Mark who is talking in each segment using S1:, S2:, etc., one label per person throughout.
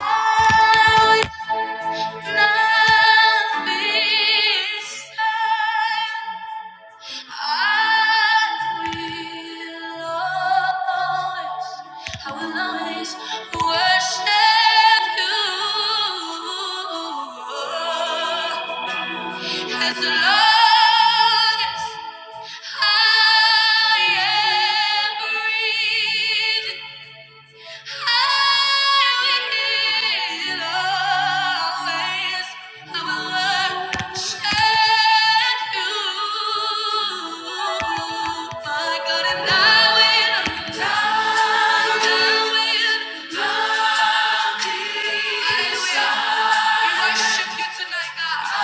S1: As long as I am breathing. I worship You. Tonight, God.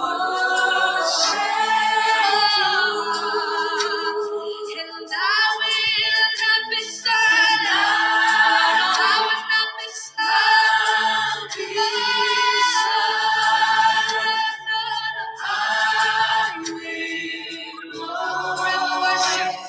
S1: I will forever worship.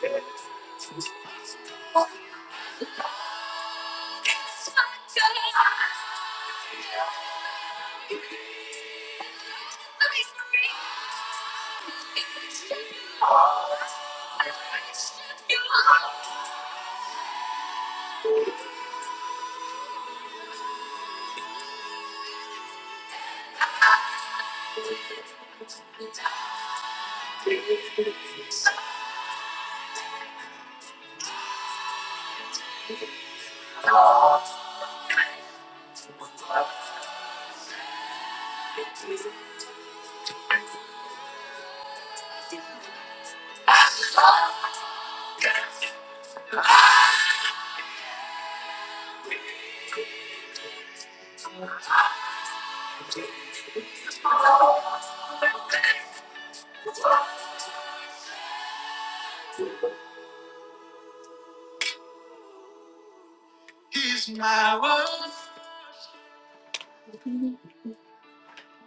S1: Thank you. He's my world.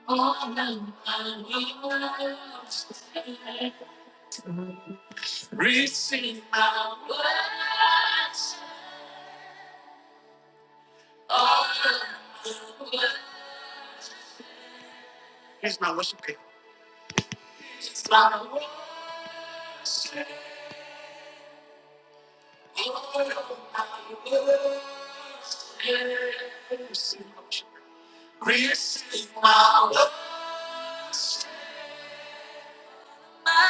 S1: All of my world. Receive my worship. All of my world. Here's my worship kit. It's my worship. All of my worship. Receive my worship. Receive my worship. My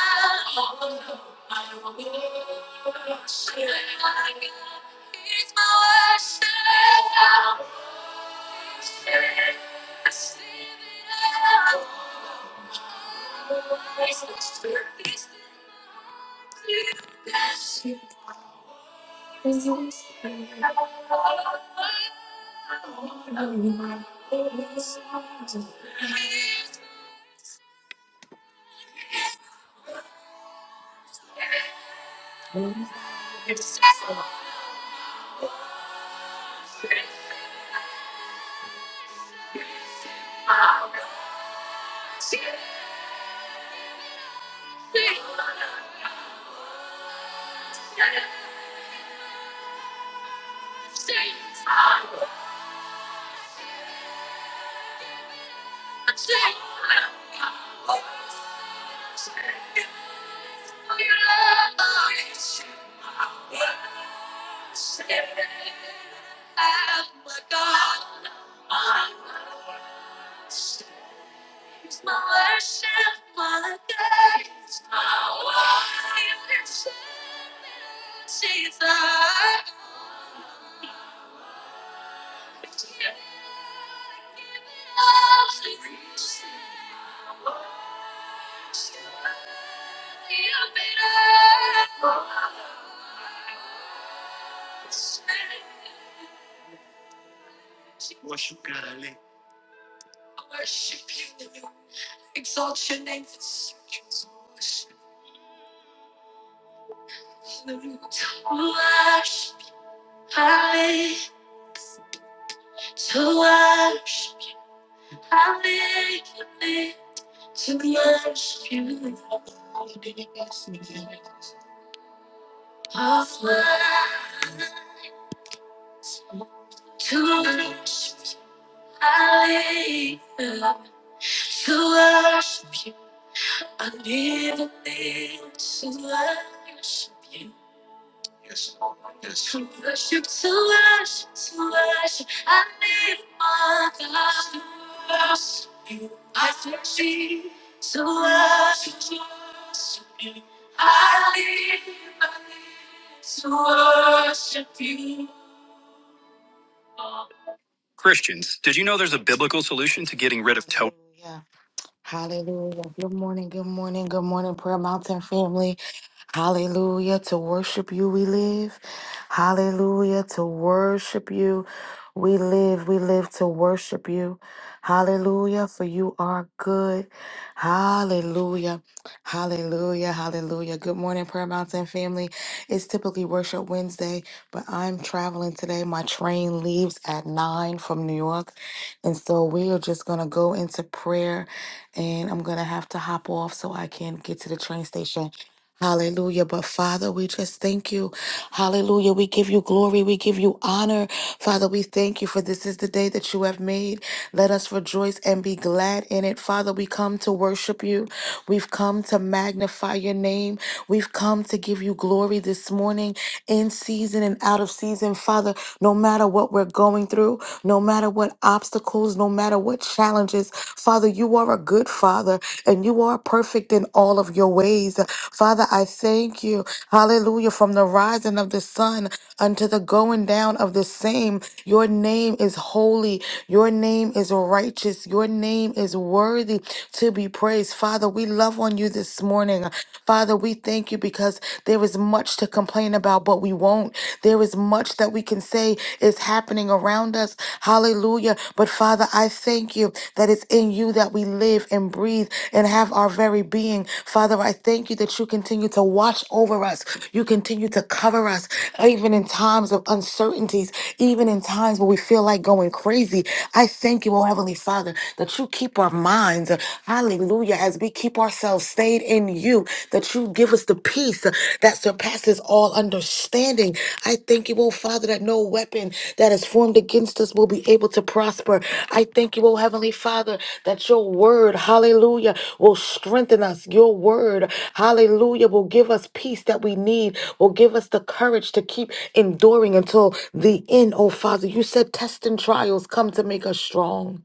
S1: worship. It's my worship. Receive it all. It's my worship. Worship God, I live. I worship you, Lord. Exalt your name. Hallelujah. To worship you, I live. To worship you, I live. To worship you, I live. To worship you, I live. To worship you, I never need to worship you. Yes, Lord. Yes. To worship, to worship, to worship, I need my God to worship you. I need to worship, to worship you. I need, I need to worship you. Christians, did you know there's a biblical solution to getting rid of toning? Hallelujah. Good morning, good morning, good morning, Prayer Mountain family. Hallelujah. To worship you, we live. Hallelujah. To worship you, we live. We live to worship you. Hallelujah. For you are good. Hallelujah. Hallelujah. Hallelujah. Good morning, Prayer Mountain family. It's typically Worship Wednesday, but I'm traveling today. My train leaves at 9 from New York. And so we are just going to go into prayer and I'm going to have to hop off so I can get to the train station. Hallelujah. But Father, we just thank you. Hallelujah. We give you glory. We give you honor. Father, we thank you for this is the day that you have made. Let us rejoice and be glad in it. Father, we come to worship you. We've come to magnify your name. We've come to give you glory this morning in season and out of season. Father, no matter what we're going through, no matter what obstacles, no matter what challenges, challenges. Father, you are a good Father and you are perfect in all of your ways. Father, I thank you. Hallelujah. From the rising of the sun unto the going down of the same, your name is holy. Your name is righteous. Your name is worthy to be praised. Father, we love on you this morning. Father, we thank you because there is much to complain about, but we won't. There is much much that we can say is happening around us. Hallelujah. But Father, I thank you that it's in you that we live and breathe and have our very being. Father, I thank you that you continue to watch over us. You continue to cover us, even in times of uncertainties, even in times where we feel like going crazy. I thank you, oh Heavenly Father, that you keep our minds. Hallelujah. As we keep ourselves stayed in you you, that you give us the peace uh, that surpasses all understanding. I thank you, oh Father, that no weapon that is formed against us will be able to prosper. I thank you, oh Heavenly Father, that your word, hallelujah, will strengthen us. Your word, hallelujah, will give us peace that we need, will give us the courage to keep enduring until the end, oh Father. You said tests and trials come to make us strong.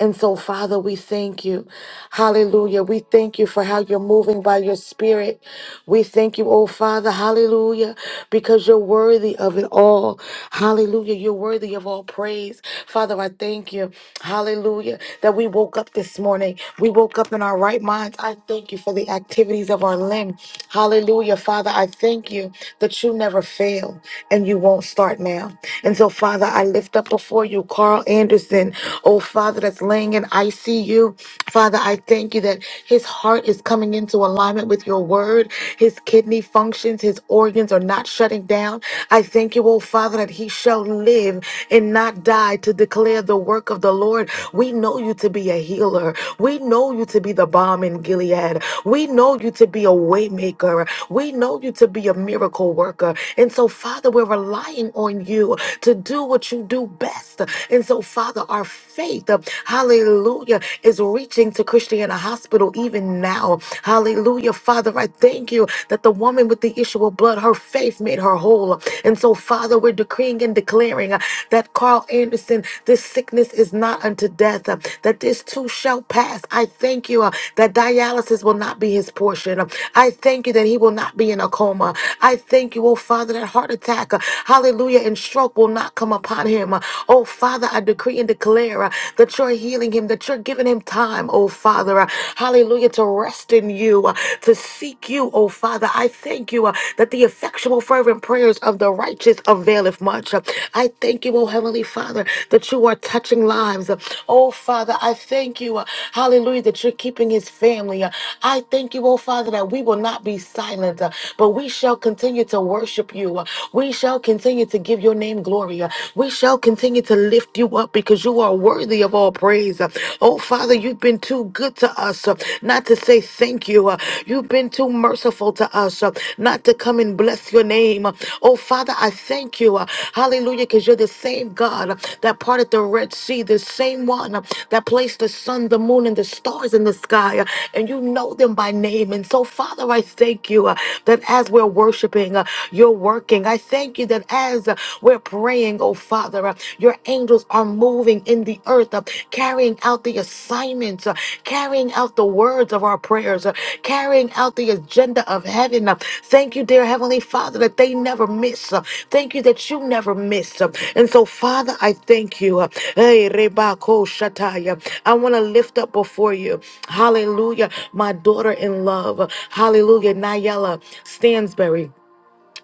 S1: And so, Father, we thank you. Hallelujah. We thank you for how you're moving by your spirit. We thank you, oh Father. Hallelujah. Because you're worthy of it all. Hallelujah. You're worthy of all praise. Father, I thank you. Hallelujah. That we woke up this morning. We woke up in our right minds. I thank you for the activities of our limb. Hallelujah. Father, I thank you that you never fail and you won't start now. And so, Father, I lift up before you Carl Anderson. Jackson, oh Father, that's laying in ICU. Father, I thank you that his heart is coming into alignment with your word. His kidney functions, his organs are not shutting down. I thank you, oh Father, that he shall live and not die to declare the work of the Lord. We know you to be a healer. We know you to be the bomb in Gilead. We know you to be a waymaker. We know you to be a miracle worker. And so, Father, we're relying on you to do what you do best trust. And so, Father, our faith, uh, hallelujah, is reaching to Christiana Hospital even now. Hallelujah, Father, I thank you that the woman with the issue of blood, her faith made her whole. And so, Father, we're decreeing and declaring uh, that Carl Anderson, this sickness is not unto death, uh, that this too shall pass. I thank you uh, that dialysis will not be his portion. Uh, I thank you that he will not be in a coma. I thank you, oh Father, that heart attack, uh, hallelujah, and stroke will not not come upon him. Oh, Father, I decree and declare uh, that you're healing him, that you're giving him time, oh, Father. uh, Hallelujah, to rest in you, uh, to seek you, oh, Father. I thank you uh, that the effectual, fervent prayers of the righteous availeth much. Uh, I thank you, oh, Heavenly Father, that you are touching lives. Uh, Oh, Father, I thank you, uh, hallelujah, that you're keeping his family. Uh, I thank you, oh, Father, that we will not be silent, uh, but we shall continue to worship you. Uh, We shall continue continue to give your name glory. Uh, We shall continue to lift you up because you are worthy of all praise. Uh, Oh, Father, you've been too good to us uh, not to say thank you. Uh, You've been too merciful to us uh, not to come and bless your name. Uh, Oh, Father, I thank you. Uh, Hallelujah, because you're the same God uh, that parted the Red Sea, the same one uh, that placed the sun, the moon, and the stars in the sky, uh, and you know them by name. And so, Father, I thank you uh, that as we're worshiping, uh, you're working working. I thank you that as uh, we're praying, oh Father, uh, your angels are moving in the earth, uh, carrying out the assignments, uh, carrying out the words of our prayers, uh, carrying out the agenda of heaven. uh. Thank you, dear Heavenly Father, that they never miss. uh. Thank you that you never miss. uh. And so, Father, I thank you. uh, Hey, Reba Ko Shataya. I want to lift up before you, hallelujah, my daughter in love, hallelujah, Nayela Stansberry.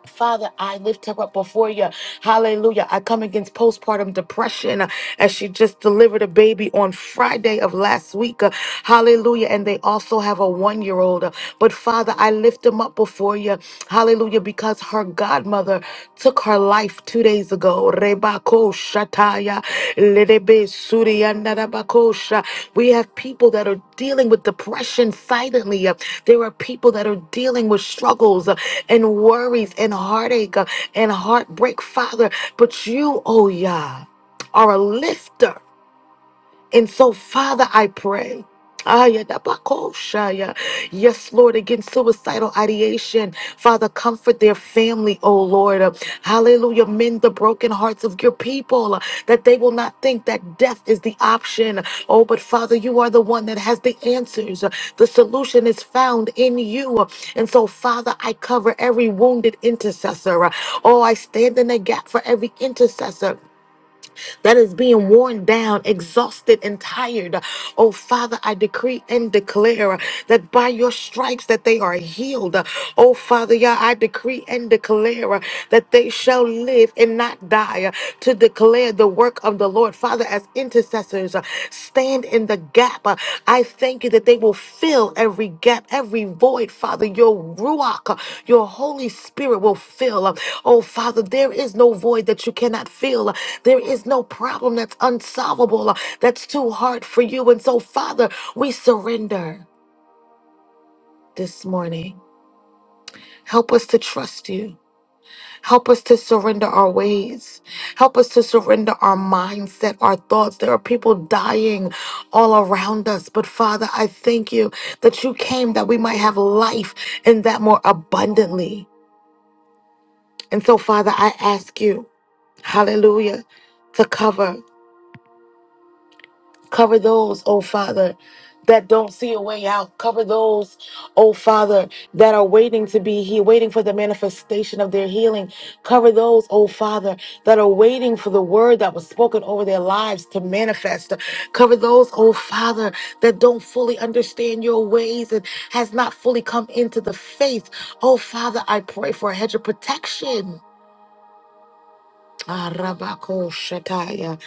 S1: Father, I lift her up before you. Hallelujah. I come against postpartum depression uh, as she just delivered a baby on Friday of last week. uh, Hallelujah. And they also have a one year old. But Father, I lift them up before you. Hallelujah. Because her godmother took her life off two days ago. Rebako Shataya, Lerebe Surya Narabakosha. We have people that are dealing with depression silently. Uh, There are people that are dealing with struggles uh, and worries and heartache uh, and heartbreak, Father. But you, oh Yah, are a lifter. And so, Father, I pray. Aya da bako shaya. Yes, Lord, against suicidal ideation. Father, comfort their family, oh Lord. Hallelujah. Mend the broken hearts of your people uh, that they will not think that death is the option. Oh, but Father, you are the one that has the answers. The solution is found in you. And so, Father, I cover every wounded intercessor. Oh, I stand in the gap for every intercessor that is being worn down, exhausted, and tired. Oh, Father, I decree and declare that by your stripes that they are healed. Oh, Father, Yah, I decree and declare that they shall live and not die to declare the work of the Lord. Father, as intercessors, stand stand in the gap. Uh, I thank you that they will fill every gap, every void, Father. Your Ruach, uh, your Holy Spirit will fill. Uh, Oh, Father, there is no void that you cannot fill. Uh, There is no problem that's unsolvable, uh, that's too hard for you. And so, Father, we surrender this morning. Help us to trust you. Help us to surrender our ways. Help us to surrender our mindset, our thoughts. There are people dying all around us. But Father, I thank you that you came that we might have life and that more abundantly. And so, Father, I ask you, hallelujah, to cover. Cover those, oh Father, that don't see a way out. Cover those, oh Father, that are waiting to be healed, waiting for the manifestation of their healing. Cover those, oh Father, that are waiting for the word that was spoken over their lives to manifest. Cover those, oh Father, that don't fully understand your ways and has not fully come into the faith. Oh Father, I pray for a hedge of protection Arabako Shataya.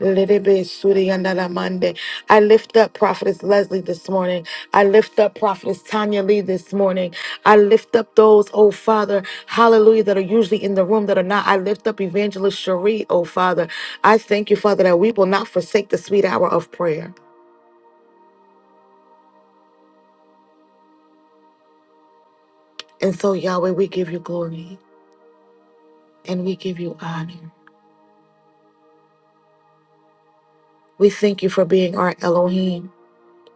S1: Lelebe Suri Yandala Mande. I lift up Prophetess Leslie this morning. I lift up Prophetess Tanya Lee this morning. I lift up those, oh Father, hallelujah, that are usually in the room that are not. I lift up Evangelist Cherie, oh Father. I thank you, Father, that we will not forsake the sweet hour of prayer. And so, Yahweh, we give you glory and we give you honor. We thank you for being our Elohim,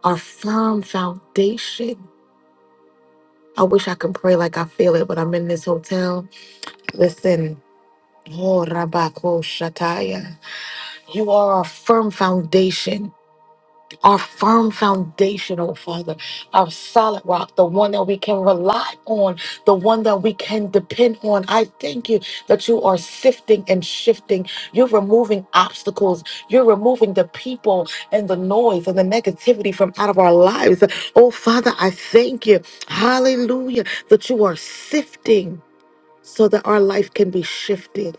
S1: our firm foundation. I wish I could pray like I feel it, but I'm in this hotel. Listen. Oh, Rabako Shataya. You are a firm foundation our firm foundation, oh Father, our solid rock, the one that we can rely on, the one that we can depend on. I thank you that you are sifting and shifting. You're removing obstacles. You're removing the people and the noise and the negativity from out of our lives. Oh Father, I thank you. Hallelujah, that you are sifting so that our life can be shifted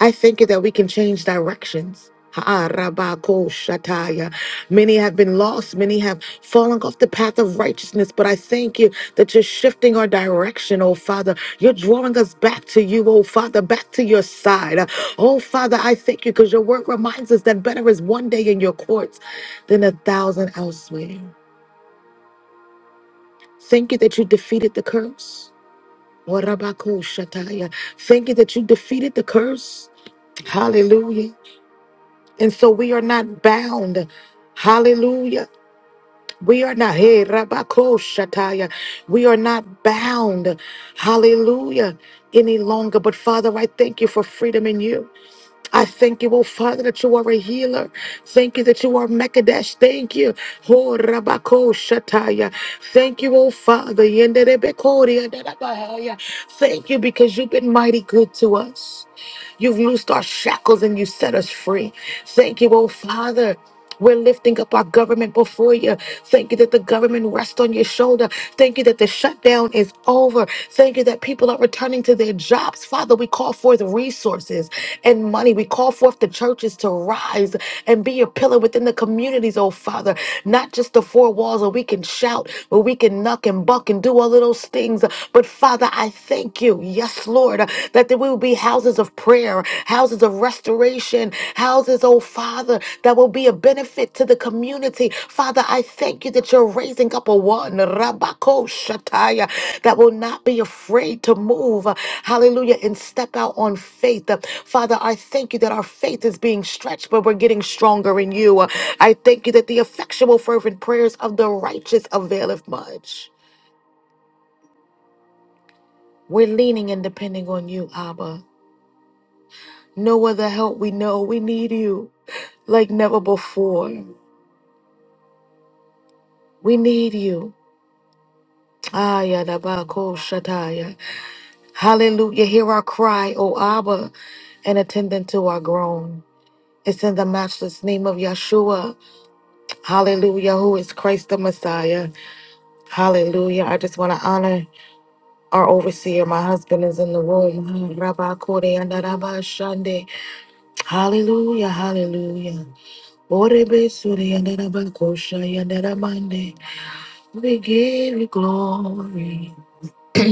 S1: I thank you that we can change directions. Ha, rabba, ko, shataya. Many have been lost. Many have fallen off the path of righteousness. But I thank you that you're shifting our direction, oh Father. You're drawing us back to you, oh Father, back to your side. Oh Father, I thank you because your word reminds us that better is one day in your courts than a thousand elsewhere. Thank you that you defeated the curse. Wa, rabba, ko, shataya. Thank you that you defeated the curse. Hallelujah. And so we are not bound. Hallelujah. We are not hey, Rabakoshataya. We are not bound. Hallelujah. Any longer. But Father, I thank you for freedom in you. I thank you, oh Father, that you are a healer. Thank you that you are Mekadesh. Thank you. Oh Rabakoshataya. Thank you, oh Father. Yenderebekoria Darabahaya. Thank you because you've been mighty good to us. You've loosed our shackles and you set us free. Thank you, oh Father. We're lifting up our government before you. Thank you that the government rests on your shoulder. Thank you that the shutdown is over. Thank you that people are returning to their jobs. Father, we call forth resources and money. We call forth the churches to rise and be a pillar within the communities, oh Father. Not just the four walls where we can shout, where we can knock and buck and do all of those things. But Father, I thank Thank you. Yes, Lord, uh, that there will be houses of prayer, houses of restoration, houses, oh Father, that will be a benefit to the community. Father, I thank you that you're raising up a one, Rabako Shataya, that will not be afraid to move, uh, hallelujah, and step out on faith. Uh, Father, I thank you that our faith is being stretched, but we're getting stronger in you. Uh, I thank you that the effectual, fervent prayers of the righteous availeth much. We're leaning and depending on you, Abba. No other help we know. We need you like never before. We need you. Aya dabako shataya. Hallelujah. Hear our cry, O Abba, and attend unto our groan. It's in the matchless name of Yeshua. Hallelujah. Who is Christ the Messiah? Hallelujah. I just want to honor our overseer. My husband is in the room. Rabakore and Shande. Hallelujah. Hallelujah. Orebe suri and Rabakoshaya and Ramande. We give you glory.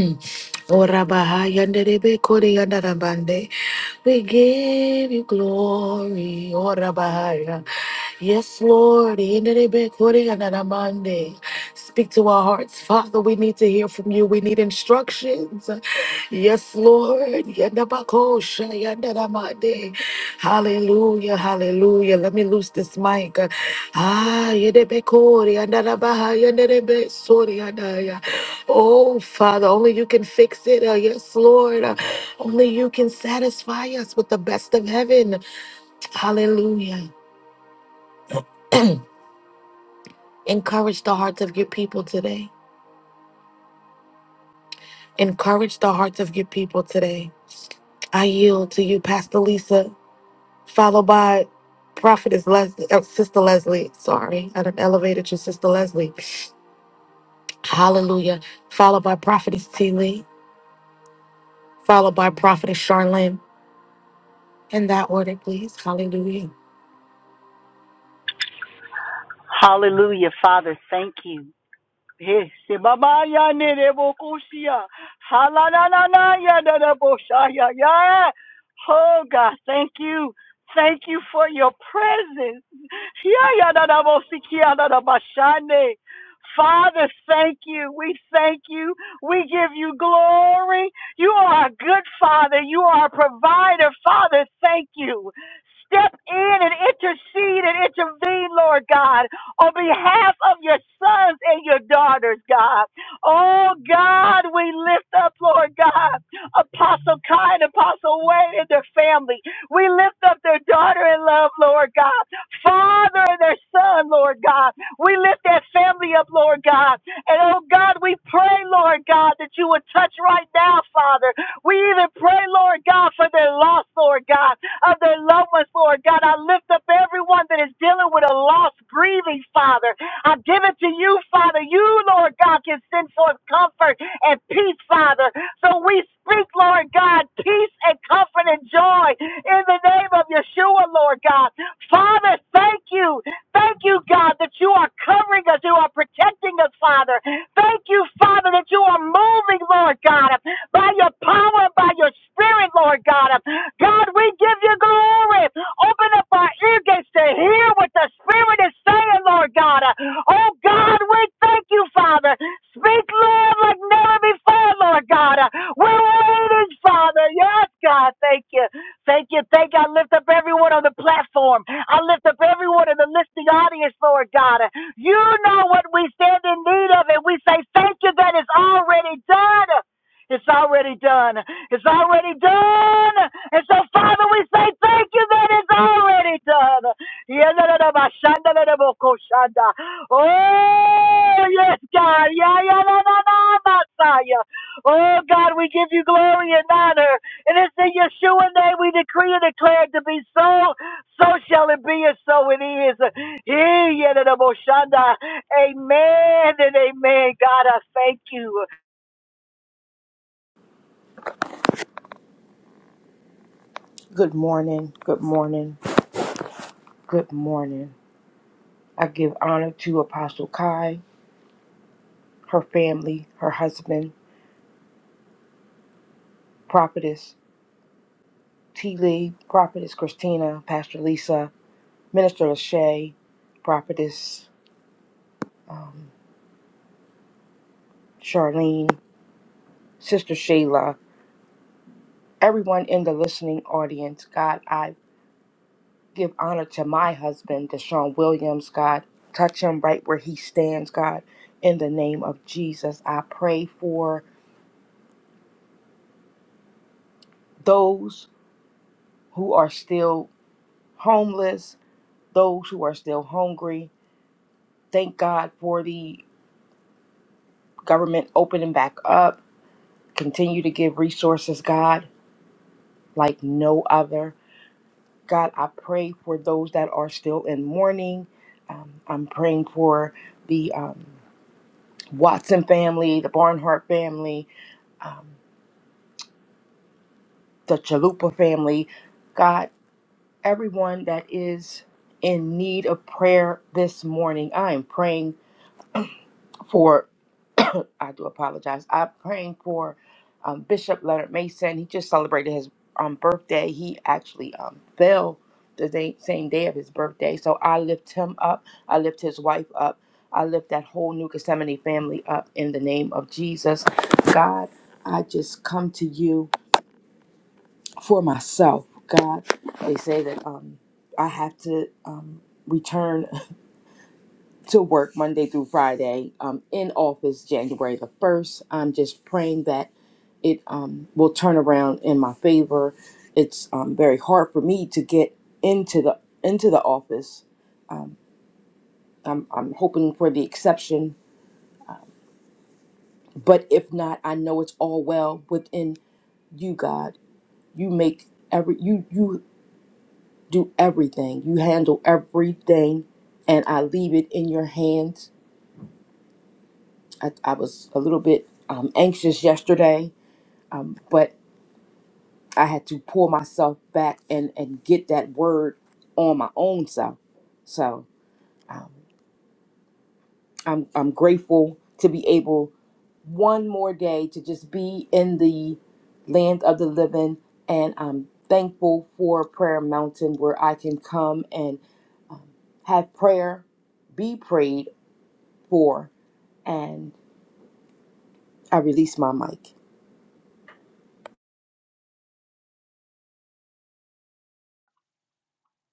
S1: Ora Bahaya, Orabahayanderebekoriyandarabande. We give you glory. Ora Bahaya. Yes, Lord. Yenderebekoriyandarabande. Speak to our hearts. Father, we need to hear from you. We need instructions. Yes, Lord. Yandabakosha, yandaramade. Hallelujah, hallelujah. Let me loose this mic. Ah, yedebekori, yandarabaha, yandarebesori, yandaya. Oh, Father, only you can fix it. Uh, Yes, Lord. Uh, Only you can satisfy us with the best of heaven. Hallelujah. Encourage the hearts of your people today. Encourage the hearts of your people today. I yield to you, Pastor Lisa. followed by Prophetess Leslie, uh, Sister Leslie. Sorry, I done elevated you, Sister Leslie. Hallelujah. Followed by Prophetess T. Lee, followed by Prophetess Charlene. In that order, please. Hallelujah.
S2: Hallelujah, Father, thank you. Yes, Baba ya ne de bo ko ya. Ha la la da da bo sha Oh God, thank you. Thank you for your presence. Yayadadabosikiadadabashane. Father, thank you. We thank you. We give you glory. You are a good Father. You are a provider. Father, thank you. Step in and intercede and intervene, Lord God, on behalf of your sons and your daughters, God. Oh, God, we lift up, Lord God, Apostle Kai and Apostle Wayne and their family. We lift up their daughter in love, Lord God father and their son, Lord God. We lift that family up, Lord God. And oh God, we pray, Lord God, that you would touch right now, Father. We even pray, Lord God, for their loss, Lord God, of their loved ones, Lord God. I lift up everyone that is dealing with a loss, grieving, Father. I give it to you, Father. You, Lord God, can send forth comfort and peace, Father. So we speak, Lord God, peace and comfort and joy in the name of Yeshua, Lord God. Father, thank you. Thank you, God, that you are covering us. You are protecting us, Father. Thank you, Father, that you are moving, Lord God, by your power and by your spirit, Lord God. God, we give you glory. Open up our ear gates to hear what the Spirit is saying, Lord God. Oh, God, we thank you, Father. Speak, Lord, like never before, Lord God. We're waiting, Father. Yes, God, thank you. Thank you. Thank you. I lift up everyone on the platform. I lift up everyone in the listening audience, Lord God. You know what we stand in need of, and we say thank you that it's already done. It's already done. It's already done. And so, Father, we say thank you that it's already done. Oh, yes, God. yeah, yeah, yeah, Yeah, yeah, yeah. Oh, God, we give you glory and honor. And it's in Yeshua name we decree and declare it to be so. So shall it be, and so it is. Hey, yada da bo Amen and amen. God, I thank you.
S3: Good morning, good morning, good morning. I give honor to Apostle Kai, her family, her husband, Prophetess T. Lee, Prophetess Christina, Pastor Lisa, Minister Lachey, Prophetess um, Charlene, Sister Shayla, everyone in the listening audience. God, I give honor to my husband, Deshaun Williams. God, touch him right where he stands, God. In the name of Jesus, I pray for those who are still homeless, those who are still hungry. Thank God for the government opening back up. Continue to give resources, God, like no other. God, I pray for those that are still in mourning. Um, I'm praying for the um, Watson family, the Barnhart family, um, the Chalupa family. God, everyone that is in need of prayer this morning, I am praying for. I do apologize. I'm praying for um, Bishop Leonard Mason. He just celebrated his um, birthday. He actually um, fell the day, same day of his birthday. So I lift him up. I lift his wife up. I lift that whole New Gethsemane family up in the name of Jesus. God, I just come to you for myself. God, they say that um, I have to um, return to work Monday through Friday um, in office January the 1st. I'm just praying that it um, will turn around in my favor. It's um, very hard for me to get into the into the office. Um, I'm, I'm hoping for the exception, but if not, I know it's all well within you, God. You make every you you do everything. You handle everything, and I leave it in your hands. I, I was a little bit um, anxious yesterday, um, but I had to pull myself back and and get that word on my own self. So um, I'm I'm grateful to be able one more day to just be in the land of the living, and I'm thankful for Prayer Mountain where I can come and have prayer be prayed for, and I release my mic.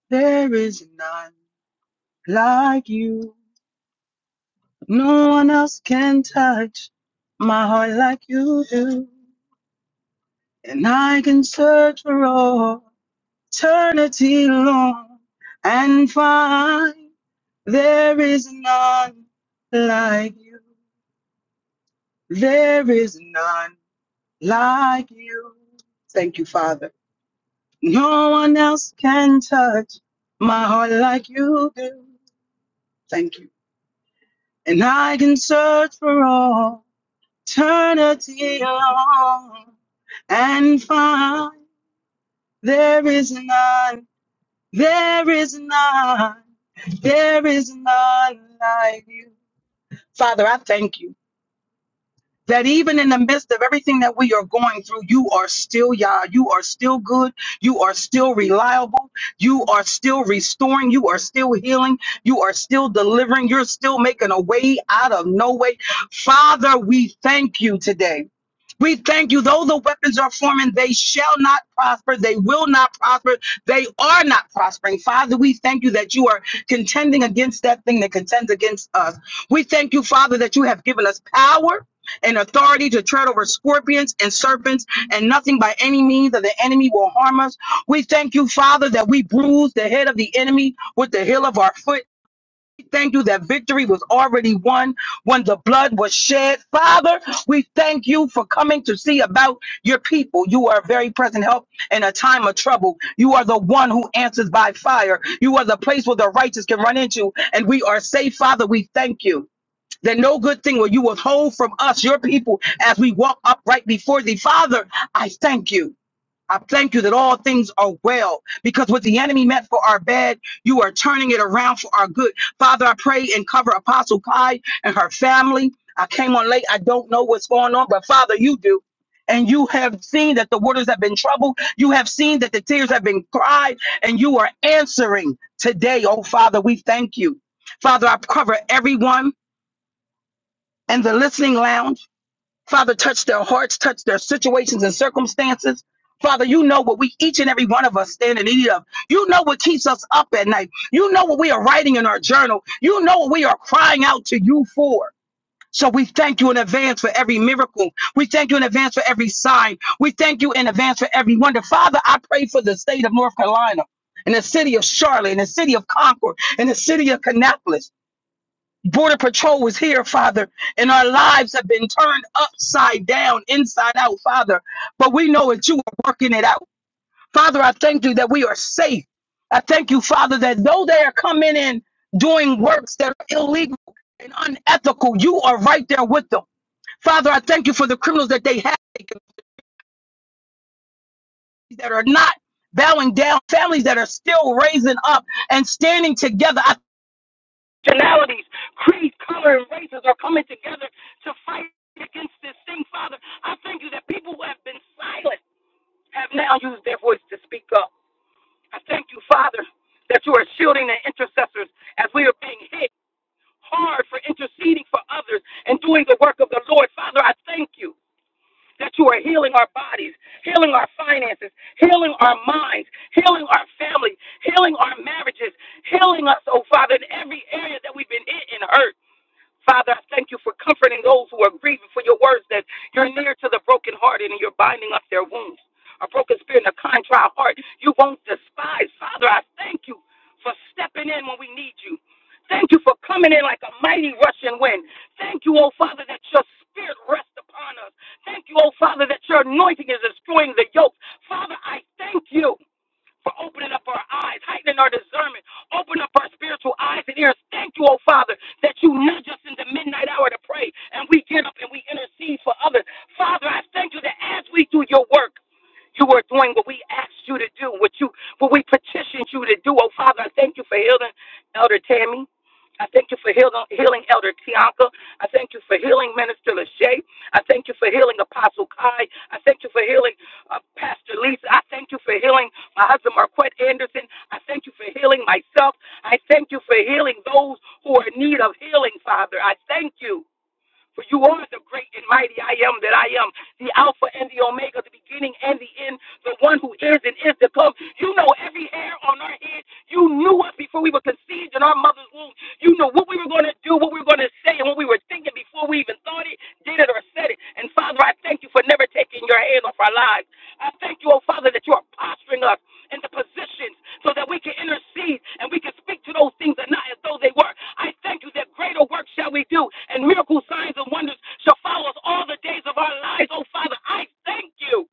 S4: There is none like you. No one else can touch my heart like you do. And I can search for all eternity long and find there is none like you. There is none like you. Thank you, Father. No one else can touch my heart like you do. Thank you. And I can search for all eternity long and find there is none, there is none, there is none like you. Father, I thank you. that even in the midst of everything that we are going through, you are still Yah. You are still good. You are still reliable. You are still restoring. You are still healing. You are still delivering. You're still making a way out of no way. Father, we thank you today. We thank you, though the weapons are forming, they shall not prosper. They will not prosper. They are not prospering. Father, we thank you that you are contending against that thing that contends against us. We thank you, Father, that you have given us power and authority to tread over scorpions and serpents and nothing by any means of the enemy will harm us. We thank you, Father, that we bruised the head of the enemy with the heel of our foot. We Thank you that victory was already won when the blood was shed. Father, we thank you for coming to see about your people. You are a very present help in a time of trouble. You are the one who answers by fire. You are the place where the righteous can run into, and we are safe, Father. We thank you that no good thing will you withhold from us, your people, as we walk upright before thee. Father, I thank you. I thank you that all things are well because what the enemy meant for our bad, you are turning it around for our good. Father, I pray and cover Apostle Kai and her family. I came on late. I don't know what's going on, but Father, you do. And you have seen that the waters have been troubled. You have seen that the tears have been cried, and you are answering today. Oh, Father, we thank you. Father, I cover everyone and the listening lounge. Father, touch their hearts, touch their situations and circumstances. Father, you know what we, each and every one of us, stand in need of. You know what keeps us up at night. You know what we are writing in our journal. You know what we are crying out to you for. So we thank you in advance for every miracle. We thank you in advance for every sign. We thank you in advance for every wonder. Father, I pray for the state of North Carolina and the city of Charlotte and the city of Concord and the city of Kannapolis. Border Patrol was here, Father, and our lives have been turned upside down, inside out, Father. But we know that you are working it out. Father, I thank you that we are safe. I thank you, Father, that though they are coming in doing works that are illegal and unethical, you are right there with them. Father, I thank you for the criminals that they have that are not bowing down, families that are still raising up and standing together. I nationalities, creeds, color, and races are coming together to fight against this thing, Father. I thank you that people who have been silent have now used their voice to speak up. I thank you, Father, that you are shielding the intercessors as we are being hit hard for interceding for others and doing the work of the Lord. Father, I thank you that you are healing our bodies, healing our finances, healing our minds, healing our family, healing our marriages, healing us, oh Father, in every area that we've been hit and hurt. Father, I thank you for comforting those who are grieving for your words that you're near to the brokenhearted and you're binding up their wounds. A broken spirit and a contrite heart, you won't despise. Father, I thank you for stepping in when we need you. Thank you for coming in like a mighty rushing wind. Thank you, oh Father, that your spirit rests upon us. Thank you, oh Father, that your anointing is destroying the yoke. Father, I thank you for opening up our eyes, heightening our discernment. Open up our spiritual eyes and ears. Thank you, oh Father, that you nudge us in the midnight hour to pray and we get up and we intercede for others. Father, I thank you that as we do your work, you are doing what we asked you to do, what you what we petitioned you to do. Oh Father, I thank you for healing Elder Tammy. I thank you for healing, healing Elder Tianka. I thank you for healing Minister Lachey. I thank you for healing Apostle Kai. I thank you for healing uh, Pastor Lisa. I thank you for healing my husband Marquette Anderson. I thank you for healing myself. I thank you for healing those who are in need of healing, Father. I thank you. For you are the great and mighty I am that I am, the Alpha and the Omega, the beginning and the end, the one who is and is to come. You know every hair on our head. You knew us before we were conceived in our mother's womb. You know what we were going to do, what we were going to say, and what we were thinking before we even thought it, did it, or said it. And Father, I thank you for never taking your hand off our lives. I thank you, oh Father, that you are posturing us into positions so that we can intercede and we can speak to those things that are not as though they were. I thank you that greater work shall we do, and miracle signs and wonders shall follow us all the days of our lives. Oh Father, I thank you.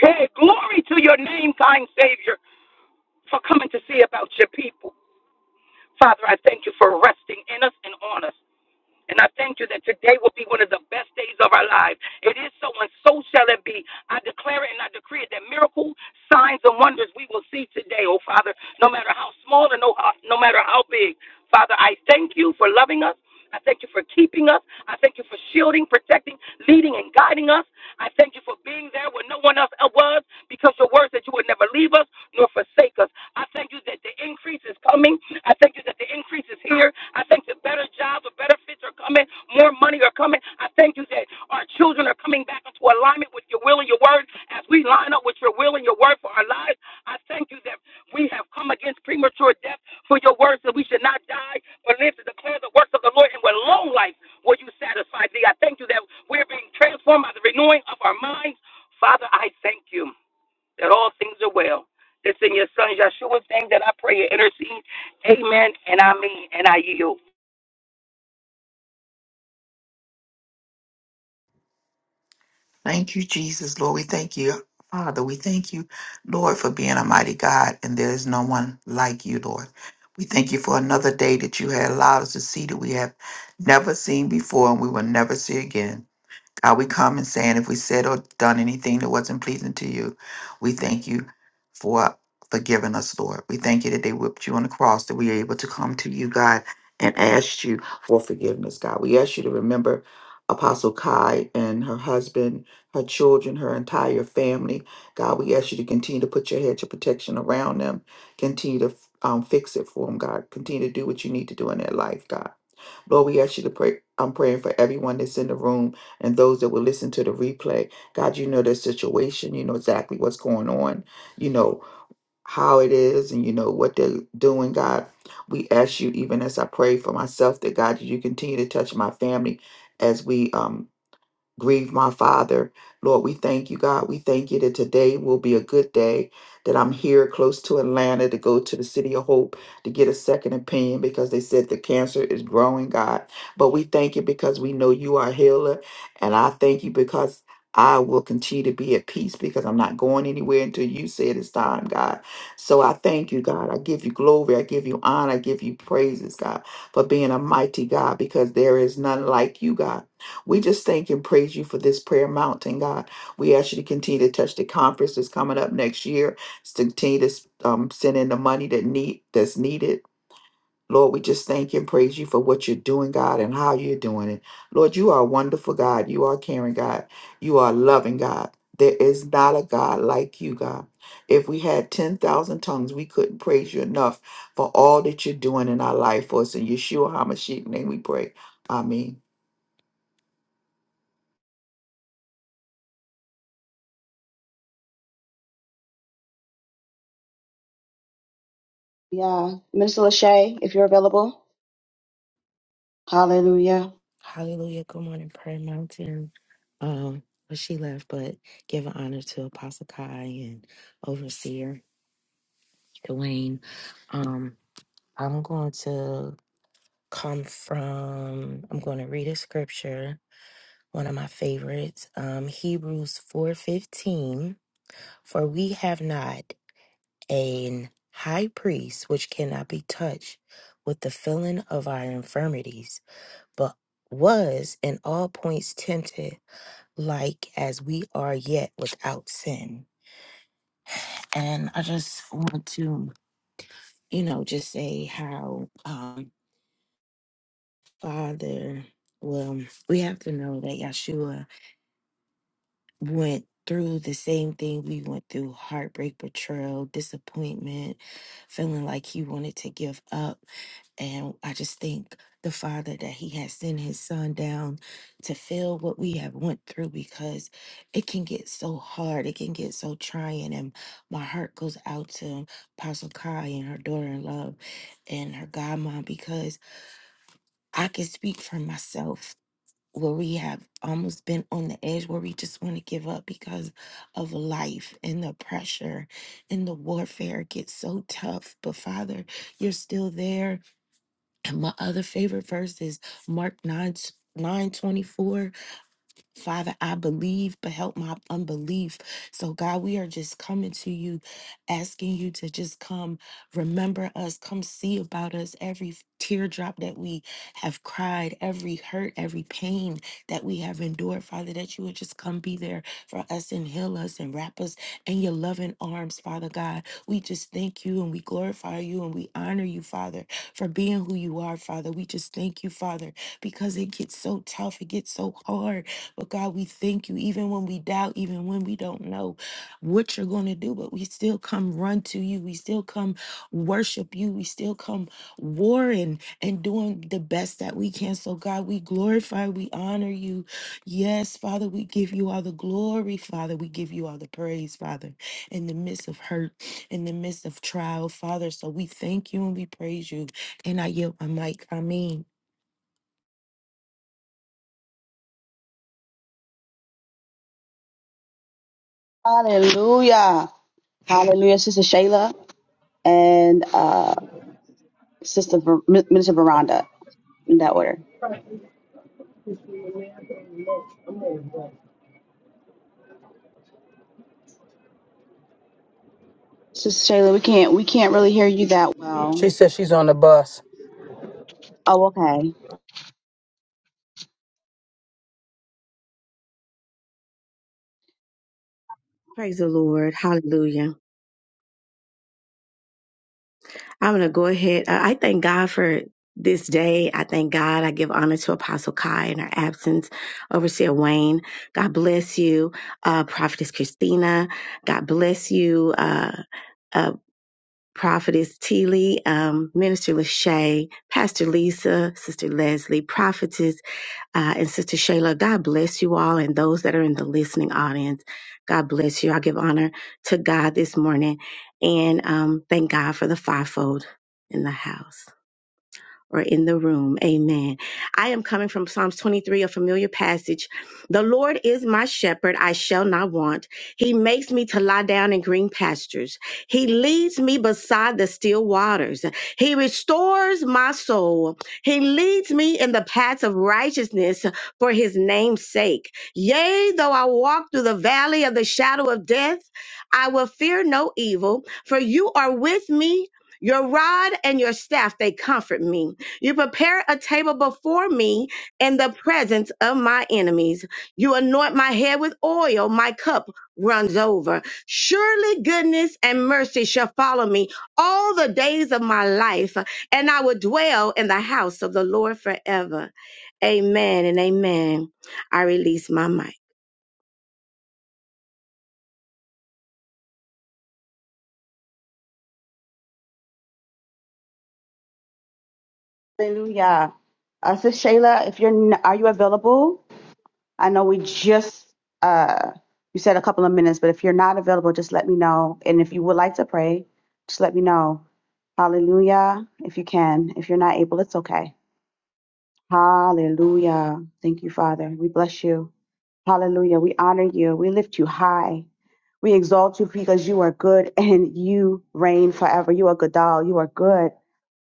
S4: Hey, glory to your name, kind Savior, for coming to see about your people. Father, I thank you for resting in us and on us. And I thank you that today will be one of the best days of our lives. It is so, and so shall it be. I declare it and I decree it that miracles, signs, and wonders we will see today, oh Father, no matter how small or no, no matter how big. Father, I thank you for loving us. I thank you for keeping us. I thank you for shielding, protecting, leading, and guiding us. I thank you for being there when no one else was, because your word said you would never leave us nor forsake us. I thank you that the increase is coming I thank you that the increase is here. I thank you better jobs or better fits are coming. More money are coming. I thank you that our children are coming back into alignment with your will and your word as we line up with your will and your word for our lives. I thank you that we have come against premature death for your words that we should not die but live to declare the works of the Lord and with long life will you satisfy thee. I thank you that we're being transformed by the renewing of our minds. Father, I thank you that all things are well. It's in your son Yeshua's name that I pray and intercede. Amen. And I mean, and I yield.
S5: Thank you, Jesus, Lord. We thank you, Father. We thank you, Lord, for being a mighty God, and there is no one like you, Lord. We thank you for another day that you had allowed us to see that we have never seen before and we will never see again. God, we come and saying if we said or done anything that wasn't pleasing to you, we thank you for forgiving us, Lord. We thank you that they whipped you on the cross, that we are able to come to you, God, and ask you for forgiveness, God. We ask you to remember Apostle Kai and her husband, her children, her entire family. God, we ask you to continue to put your hedge of protection around them. Continue to um, fix it for them, God. Continue to do what you need to do in their life, God. Lord, we ask you to pray. I'm praying for everyone that's in the room and those that will listen to the replay. God, you know their situation. You know exactly what's going on. You know how it is and you know what they're doing, God. We ask you, even as I pray for myself, that God, you continue to touch my family as we um, grieve my father. Lord, we thank you, God. We thank you that today will be a good day, that I'm here close to Atlanta to go to the City of Hope to get a second opinion because they said the cancer is growing, God. But we thank you because we know you are a healer. And I thank you because I will continue to be at peace because I'm not going anywhere until you say it's time, God. So I thank you, God. I give you glory. I give you honor. I give you praises, God, for being a mighty God because there is none like you, God. We just thank and praise you for this prayer mountain, God. We ask you to continue to touch the conference that's coming up next year. To Continue to um, send in the money that need that's needed Lord, we just thank you and praise you for what you're doing, God, and how you're doing it. Lord, you are a wonderful God. You are a caring God. You are a loving God. There is not a God like you, God. If we had 10,000 tongues, we couldn't praise you enough for all that you're doing in our life for us. In Yeshua HaMashiach's name we pray. Amen.
S6: Yeah. Minister Lachey, if you're available. Hallelujah.
S7: Hallelujah. Good morning, Prayer Mountain. Um, well, she left, but giving honor to Apostle Kai and Overseer Dwayne. Um, I'm going to come from. I'm going to read a scripture, one of my favorites, um, Hebrews four fifteen. For we have not an high priest which cannot be touched with the feeling of our infirmities, but was in all points tempted like as we are yet without sin. And I just want to, you know, just say how um, Father, well, we have to know that Yeshua went through the same thing we went through heartbreak, betrayal, disappointment, feeling like he wanted to give up. And I just think the Father that He has sent His Son down to feel what we have went through because it can get so hard, it can get so trying. And my heart goes out to Apostle Kai and her daughter in love and her godmom because I can speak for myself where we have almost been on the edge where we just want to give up because of life and the pressure and the warfare gets so tough but father you're still there and my other favorite verse is mark 9 924 Father, I believe, but help my unbelief. So, God, we are just coming to you, asking you to just come remember us, come see about us every teardrop that we have cried, every hurt, every pain that we have endured. Father, that you would just come be there for us and heal us and wrap us in your loving arms, Father God. We just thank you and we glorify you and we honor you, Father, for being who you are, Father. We just thank you, Father, because it gets so tough, it gets so hard but God, we thank you, even when we doubt, even when we don't know what you're going to do, but we still come run to you. We still come worship you. We still come warring and doing the best that we can. So, God, we glorify, we honor you. Yes, Father, we give you all the glory, Father. We give you all the praise, Father, in the midst of hurt, in the midst of trial, Father. So, we thank you and we praise you. And I yield my mic. I mean.
S6: Hallelujah. Hallelujah, Sister Shayla and uh, Sister Ver- Mi- Minister Veranda in that order.
S8: I'm on break.
S6: Sister Shayla, we can't we can't really hear you that
S4: She
S6: well.
S4: says she's on the bus.
S6: Oh, okay.
S9: Praise the Lord. Hallelujah. I'm going to go ahead. I I thank God for this day. I thank God. I give honor to Apostle Kai in her absence, Overseer Wayne. God bless you, uh, Prophetess Christina. God bless you, uh, uh, Prophetess Teely, um, Minister Lachey, Pastor Lisa, Sister Leslie, Prophetess. Uh, and Sister Shayla, God bless you all and those that are in the listening audience. God bless you. I give honor to God this morning and um, thank God for the fivefold in the house or in the room. Amen. I am coming from Psalms 23, a familiar passage. The Lord is my shepherd, I shall not want. He makes me to lie down in green pastures. He leads me beside the still waters. He restores my soul. He leads me in the paths of righteousness for his name's sake. Yea, though I walk through the valley of the shadow of death, I will fear no evil, for you are with me. Your rod and your staff, they comfort me. You prepare a table before me in the presence of my enemies. You anoint my head with oil, my cup runs over. Surely goodness and mercy shall follow me all the days of my life, and I will dwell in the house of the Lord forever. Amen and amen. I release my mic.
S6: Hallelujah. Uh, Sister Shayla, if you're n- are you available? I know we just uh, you said a couple of minutes, but if you're not available, just let me know. And if you would like to pray, just let me know. Hallelujah. If you can, if you're not able, it's okay. Hallelujah. Thank you, Father. We bless you. Hallelujah. We honor you. We lift you high. We exalt you because you are good and you reign forever. You are Godal. You are good.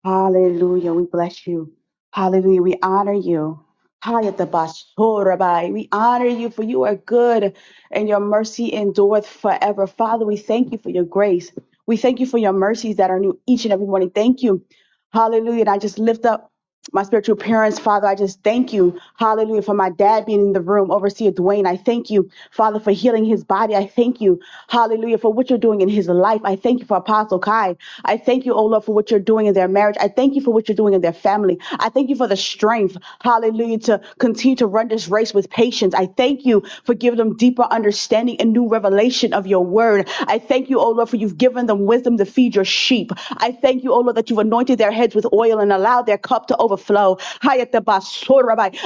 S6: Hallelujah. We bless you. Hallelujah. We honor you. Hayatabasorabai. We honor you for you are good and your mercy endureth forever. Father, we thank you for your grace. We thank you for your mercies that are new each and every morning. Thank you. Hallelujah. And I just lift up my spiritual parents, Father, I just thank you, hallelujah, for my dad being in the room, overseer Dwayne. I thank you, Father, for healing his body. I thank you, hallelujah, for what you're doing in his life. I thank you for Apostle Kai. I thank you, oh Lord, for what you're doing in their marriage. I thank you for what you're doing in their family. I thank you for the strength, hallelujah, to continue to run this race with patience. I thank you for giving them deeper understanding and new revelation of your word. I thank you, oh Lord, for you've given them wisdom to feed your sheep. I thank you, oh Lord, that you've anointed anointed their heads with oil and allowed their cup to overflow.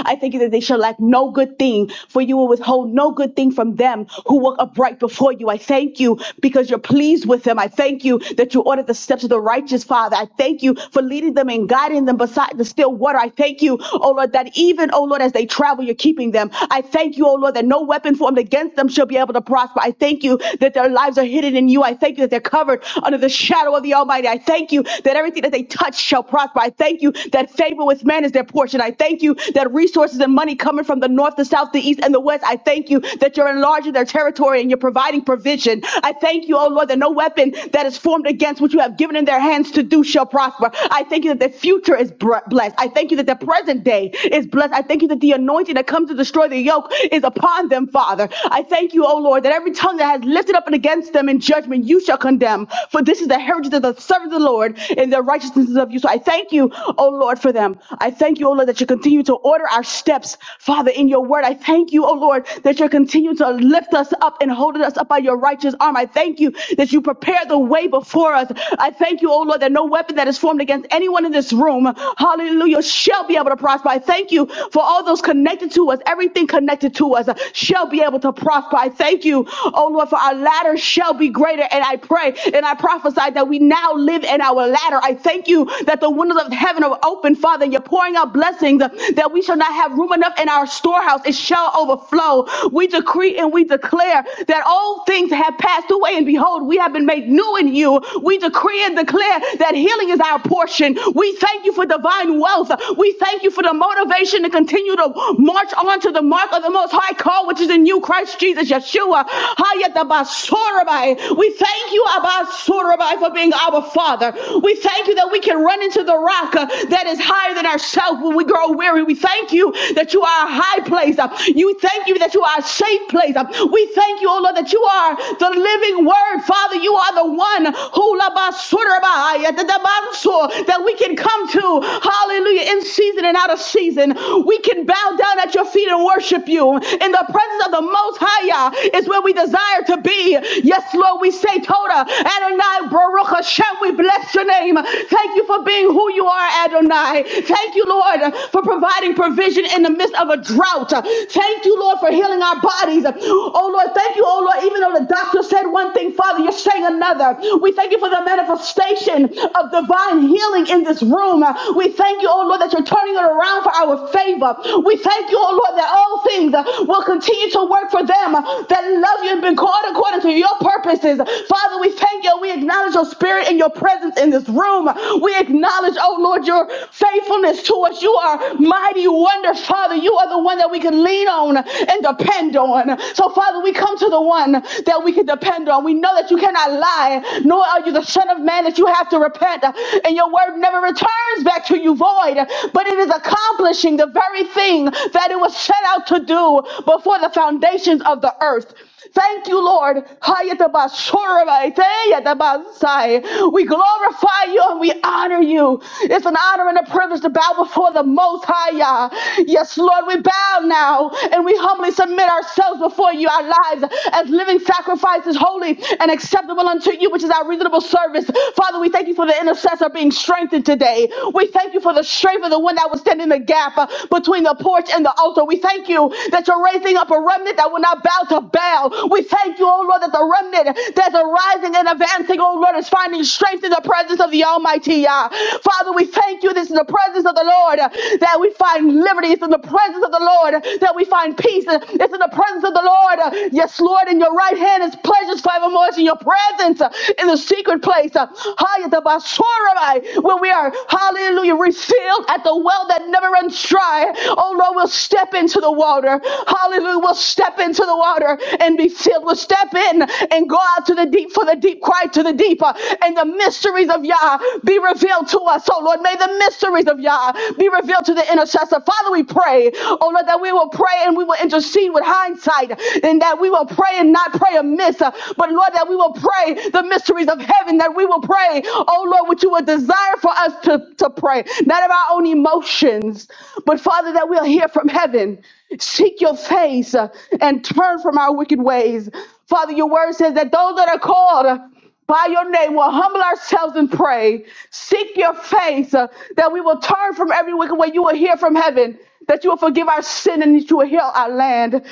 S6: I thank you that they shall lack no good thing, for you will withhold no good thing from them who walk upright before you. I thank you because you're pleased with them. I thank you that you ordered the steps of the righteous, Father. I thank you for leading them and guiding them beside the still water. I thank you, oh Lord, that even, oh Lord, as they travel, you're keeping them. I thank you, oh Lord, that no weapon formed against them shall be able to prosper. I thank you that their lives are hidden in you. I thank you that they're covered under the shadow shadow of the Almighty. I thank you that everything that they touch shall prosper. I thank you that favor with man is their portion. I thank you that resources and money coming from the north, the south, the east, and the west. I thank you that you're enlarging their territory and you're providing provision. I thank you, oh Lord, that no weapon that is formed against what you have given in their hands to do shall prosper. I thank you that their future is blessed. I thank you that their present day is blessed. I thank you that the anointing that comes to destroy the yoke is upon them, Father. I thank you, oh Lord, that every tongue that has lifted up and against them in judgment you shall condemn. For this is the heritage of the servants of the Lord, and their righteousness is of you. So I thank you, O Lord, for them. I thank you, O Lord, that you continue to order our steps, Father, in your word. I thank you, O Lord, that you continue to lift us up and holding us up by your righteous arm. I thank you that you prepare the way before us. I thank you, O Lord, that no weapon that is formed against anyone in this room, hallelujah, shall be able to prosper. I thank you for all those connected to us, everything connected to us shall be able to prosper. I thank you you, oh Lord, for our latter shall be greater. And I pray and I prophesy that we now live in our latter. I thank you that the windows of heaven are open, Father. You're pouring out blessings that we shall not have room enough in our storehouse. It shall overflow. We decree and we declare that all things have passed away, and behold, we have been made new in you. We decree and declare that healing is our portion. We thank you for divine wealth. We thank you for the motivation to continue to march on to the mark of the most high call, which is in you you, Christ Jesus, Yeshua. We thank you, Abasorabai, for being our Father. We thank you that we can run into the rock uh, that is higher than ourselves when we grow weary. We thank you that you are a high place. Uh, You thank you that you are a safe place. Uh, We thank you, oh Lord, that you are the living word. Father, you are the one who Labasorabai, Yatatabanso, that we can come to. Hallelujah. In season and out of season. We can bow down at your your feet and worship you. In the presence of the Most High Yah is where we desire to be. Yes, Lord, we say, Toda, Adonai, Baruch Hashem, we bless your name. Thank you for being who you are, Adonai. Thank you, Lord, for providing provision in the midst of a drought. Thank you, Lord, for healing our bodies. Oh, Lord, thank you, oh, Lord, even though the doctor said one thing, Father, you're saying another. We thank you for the manifestation of divine healing in this room. We thank you, oh, Lord, that you're turning it around around for our favor. We thank you, oh Lord, that all things uh, will continue to work for them uh, that love you and been called according to your purposes. Father, we thank you. We acknowledge your spirit and your presence in this room. We acknowledge, oh Lord, your faithfulness to us. You are mighty wonder, Father. You are the one that we can lean on and depend on. So, Father, we come to the one that we can depend on. We know that you cannot lie, nor are you the Son of Man that you have to repent. And your word never returns returns back to you void, but it is accomplishing the very thing that it was set out to do before the foundations of the earth. Thank you, Lord. We glorify you and we honor you. It's an honor and a privilege to bow before the Most High. Yah. Yes, Lord, we bow now and we humbly submit ourselves before you, our lives as living sacrifices, holy and acceptable unto you, which is our reasonable service. Father, Father, we thank you for the intercessor being strengthened today. We thank you for the strength of the one that was standing in the gap uh, between the porch and the altar. We thank you that you're raising up a remnant that will not bow to Baal. We thank you, oh Lord, that the remnant that's arising and advancing, oh Lord, is finding strength in the presence of the Almighty. Yah. Father, we thank you. This is the presence of the Lord uh, that we find liberty. It's in the presence of the Lord uh, that we find peace. Uh, It's in the presence of the Lord. uh, Yes, Lord, in your right hand is pleasures forevermore. It's in your presence presence uh, in the secret place. uh, Hayatabasorabai, When we are, hallelujah, refilled at the well that never runs dry. Oh Lord, we'll step into the water. Hallelujah. We'll step into the water and be filled. We'll step in and go out to the deep for the deep cry to the deep. uh, And the mysteries of Yah be revealed to us. Oh Lord, may the mysteries of Yah be revealed to the intercessor. Father, we pray, oh Lord, that we will pray and we will intercede with hindsight and that we will pray and not not pray amiss, uh, but Lord, that we will pray the mysteries of heaven, that we will pray, oh Lord, what you would desire for us to, to pray, not of our own emotions, but Father, that we'll hear from heaven. Seek your face uh, and turn from our wicked ways. Father, your word says that those that are called, uh, by your name will humble ourselves and pray. Seek your face uh, that we will turn from every wicked way. You will hear from heaven that you will forgive our sin and that you will heal our land.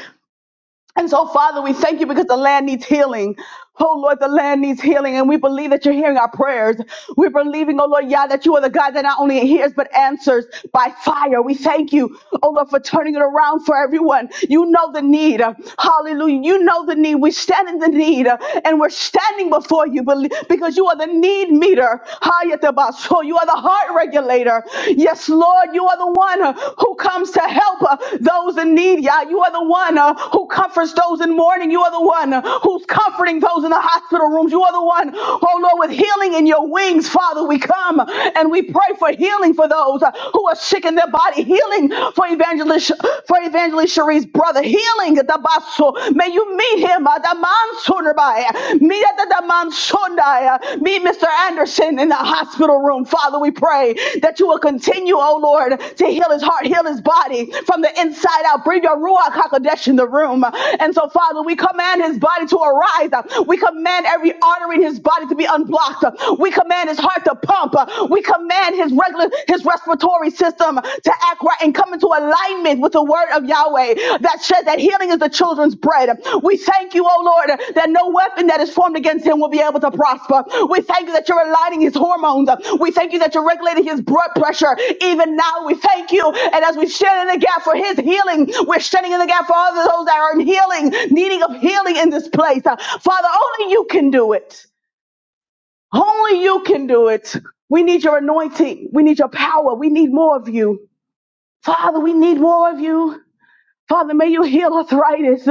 S6: And so, Father, we thank you because the land needs healing. Oh Lord, the land needs healing, and we believe that you're hearing our prayers. We're believing, oh Lord, Yah, that you are the God that not only hears but answers by fire. We thank you, oh Lord, for turning it around for everyone. You know the need. Hallelujah. You know the need. We stand in the need, uh, and we're standing before you belie- because you are the need meter. Hayatabaso. You are the heart regulator creator. Yes, Lord, you are the one uh, who comes to help uh, those in need. Yeah, You are the one uh, who comforts those in mourning. You are the one uh, who's comforting those in the hospital rooms. You are the one, oh Lord, with healing in your wings, Father. We come and we pray for healing for those uh, who are sick in their body, healing for Evangelist, for Evangelist Cherie's brother, healing. at the Dabaso. May you meet him. uh, the Adamanso. Meet Meet Mr. Anderson in the hospital room. Father, we pray that you will continue, oh Lord, to heal his heart, heal his body from the inside out. Bring your Ruach HaKodesh in the room. And so, Father, we command his body to arise. We command every artery in his body to be unblocked. We command his heart to pump. We command his regular his respiratory system to act right and come into alignment with the word of Yahweh that says that healing is the children's bread. We thank you, oh Lord, that no weapon that is formed against him will be able to prosper. We thank you that you're aligning his hormones. We thank you that you're regulating his blood pressure. Even now, we thank you. And as we stand in the gap for his healing, we're standing in the gap for all of those that are in healing, needing of healing in this place. Uh, Father, only you can do it. Only you can do it. We need your anointing. We need your power. We need more of you. Father, we need more of you. Father, may you heal arthritis.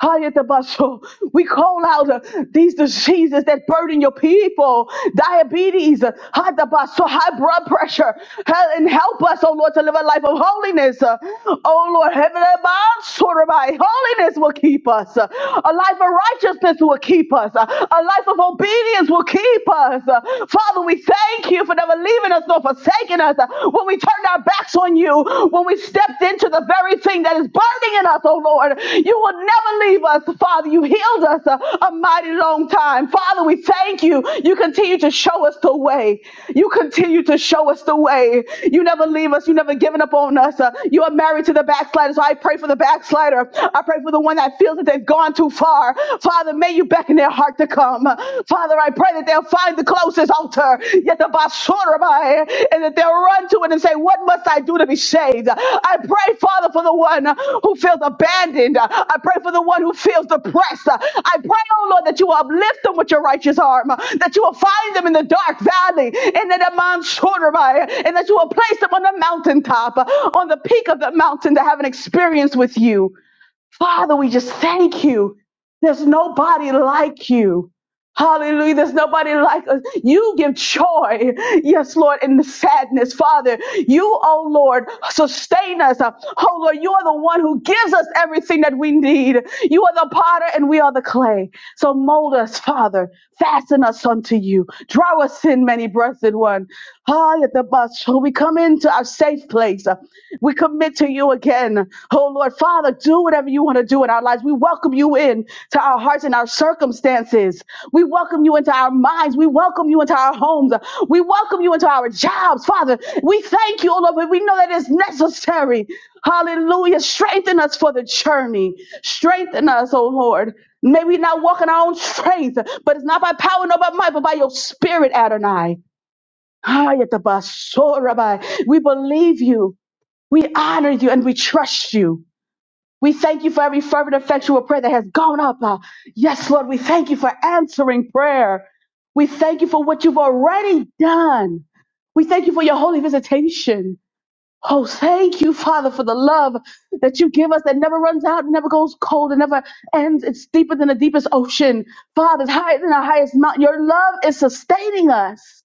S6: Hayatabasho. We call out uh, these diseases that burden your people, diabetes, uh, hatabaso, high blood pressure, Hel- and help us, oh Lord, to live a life of holiness. Uh, Oh Lord, heaven above, sort of by holiness will keep us. Uh, A life of righteousness will keep us. Uh, A life of obedience will keep us. Uh, Father, we thank you for never leaving us nor forsaking taken us, when we turned our backs on you, when we stepped into the very thing that is burning in us, oh Lord. You will never leave us, Father. You healed us a, a mighty long time. Father, we thank you. You continue to show us the way. You continue to show us the way. You never leave us. You never given up on us. Uh, you are married to the backslider. So I pray for the backslider. I pray for the one that feels that they've gone too far. Father, may you beckon their heart to come from. Father, I pray that they'll find the closest altar, yet the basurabai, and that they'll run to it and say, What must I do to be saved? I pray, Father, for the one who feels abandoned. I pray for the one who feels depressed. I pray, oh Lord, that you will uplift them with your righteous arm, that you will find them in the dark valley, and that mansorabai, and that you will place them on the mountaintop, on the peak of the mountain to have an experience with you. Father, we just thank you. There's nobody like you. Hallelujah. There's nobody like us. You give joy. Yes, Lord, in the sadness. Father, you, oh Lord, sustain us. Oh Lord, you are the one who gives us everything that we need. You are the potter and we are the clay. So mold us, Father. Fasten us unto you. Draw us in, many breathed one. Ah, at the bus. So we come into our safe place. We commit to you again. Oh Lord, Father, do whatever you want to do in our lives. We welcome you in to our hearts and our circumstances. We welcome you into our minds. We welcome you into our homes. We welcome you into our jobs, Father. We thank you, oh Lord, but we know that it's necessary. Hallelujah. Strengthen us for the journey. Strengthen us, oh Lord. May we not walk in our own strength, but it's not by power nor by might, but by your spirit, Adonai. Ah, yet the basura, Rabbi. We believe you. We honor you and we trust you. We thank you for every fervent, effectual prayer that has gone up. Uh, yes, Lord, we thank you for answering prayer. We thank you for what you've already done. We thank you for your holy visitation. Oh, thank you, Father, for the love that you give us that never runs out, never goes cold, and never ends. It's deeper than the deepest ocean. Father, it's higher than the highest mountain. Your love is sustaining us.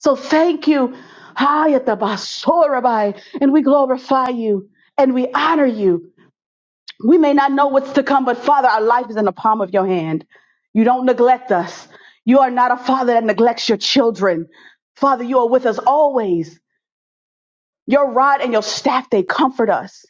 S6: So thank you. Hayatabasorabai. And we glorify you and we honor you. We may not know what's to come, but Father, our life is in the palm of your hand. You don't neglect us. You are not a father that neglects your children. Father, you are with us always. Your rod and your staff, they comfort us.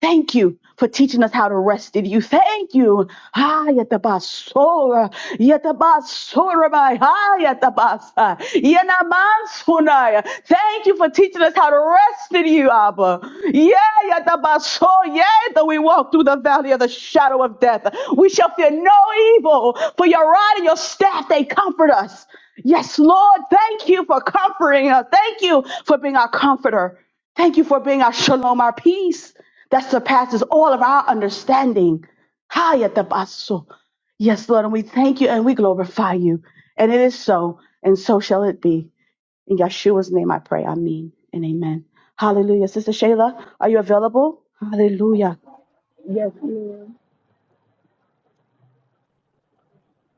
S6: Thank you for teaching us how to rest in you. Thank you. Ah, yatabasora, yatabasora, my, ah, yatabasa, yenamansunaya. Thank you for teaching us how to rest in you, Abba. Yeah, yatabaso, yeah, though we walk through the valley of the shadow of death, we shall fear no evil, for your rod and your staff, they comfort us. Yes, Lord, thank you for comforting us. Thank you for being our comforter. Thank you for being our shalom, our peace that surpasses all of our understanding. Hayatabaso. Yes, Lord, and we thank you and we glorify you. And it is so, and so shall it be. In Yeshua's name I pray. Amen and amen. Hallelujah. Sister Shayla, are you available? Hallelujah.
S8: Yes, ma'am.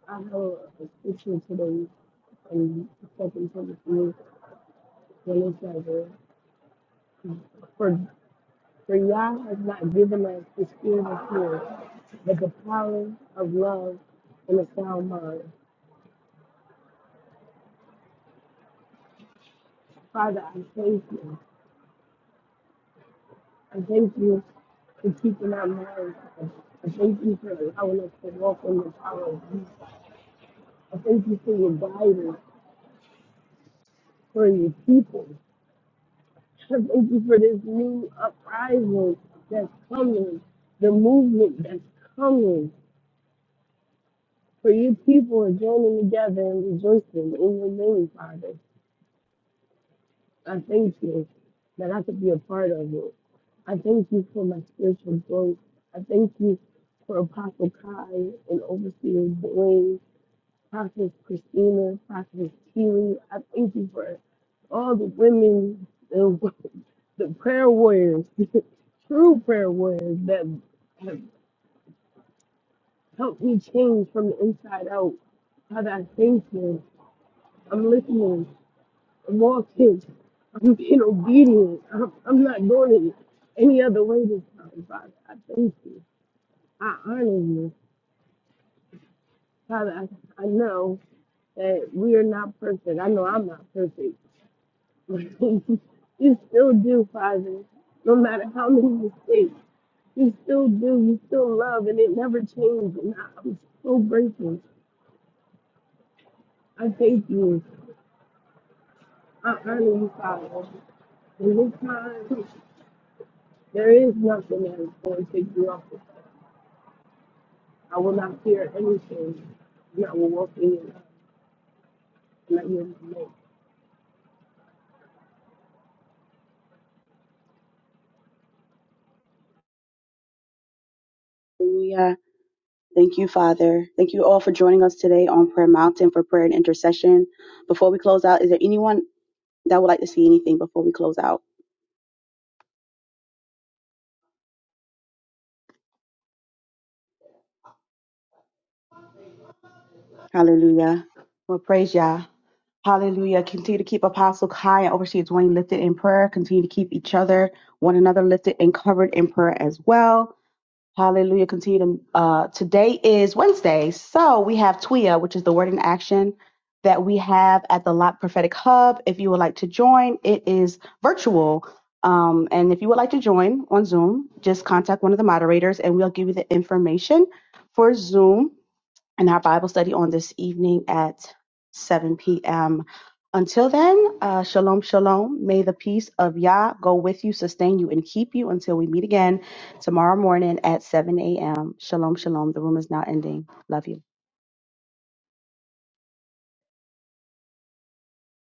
S8: I have a scripture today and Second Timothy when it says, uh, "For for Yah has not given us the spirit of fear, but the power of love and a sound mind." Father, I thank you. I thank you for keeping our minds. open. I thank you for allowing us to walk in the power of you. I thank you for your guidance for your people. I thank you for this new uprising that's coming, the movement that's coming, for you people are joining together and rejoicing in your name, Father. I thank you that I could be a part of it. I thank you for my spiritual growth. I thank you for Apostle Kai and Overseer Dwayne Prophetess Christina, Prophetess Keely. I thank you for all the women, the, the prayer warriors, true prayer warriors that have helped me change from the inside out. Father, I thank you. I'm listening. I'm walking. I'm being obedient. I'm, I'm not going any any other way this time, Father. I thank you. I honor you. Father, I, I know that we are not perfect. I know I'm not perfect. you still do, Father. No matter how many mistakes, you still do. You still love, and it never changes. And I- I'm so grateful. I thank you. I honor you, Father. And this time, there is nothing that is going to take you off. I will not fear anything, and I will walk in your love. And I will
S6: Hallelujah. Thank you, Father. Thank you all for joining us today on Prayer Mountain for prayer and intercession. Before we close out, is there anyone that would like to see anything before we close out? Hallelujah. Well, praise Yah. Hallelujah. Continue to keep Apostle Kai and Overseer Dwayne lifted in prayer. Continue to keep each other, one another lifted and covered in prayer as well. Hallelujah. Continue to, uh, today is Wednesday. So we have TWIA, which is the word in action that we have at the Lot Prophetic Hub. If you would like to join, it is virtual. Um, and if you would like to join on Zoom, just contact one of the moderators and we'll give you the information for Zoom in our Bible study on this evening at 7 p.m. Until then, uh, shalom, shalom. May the peace of Yah go with you, sustain you, and keep you until we meet again tomorrow morning at 7 a.m. Shalom, shalom. The room is now ending. Love you.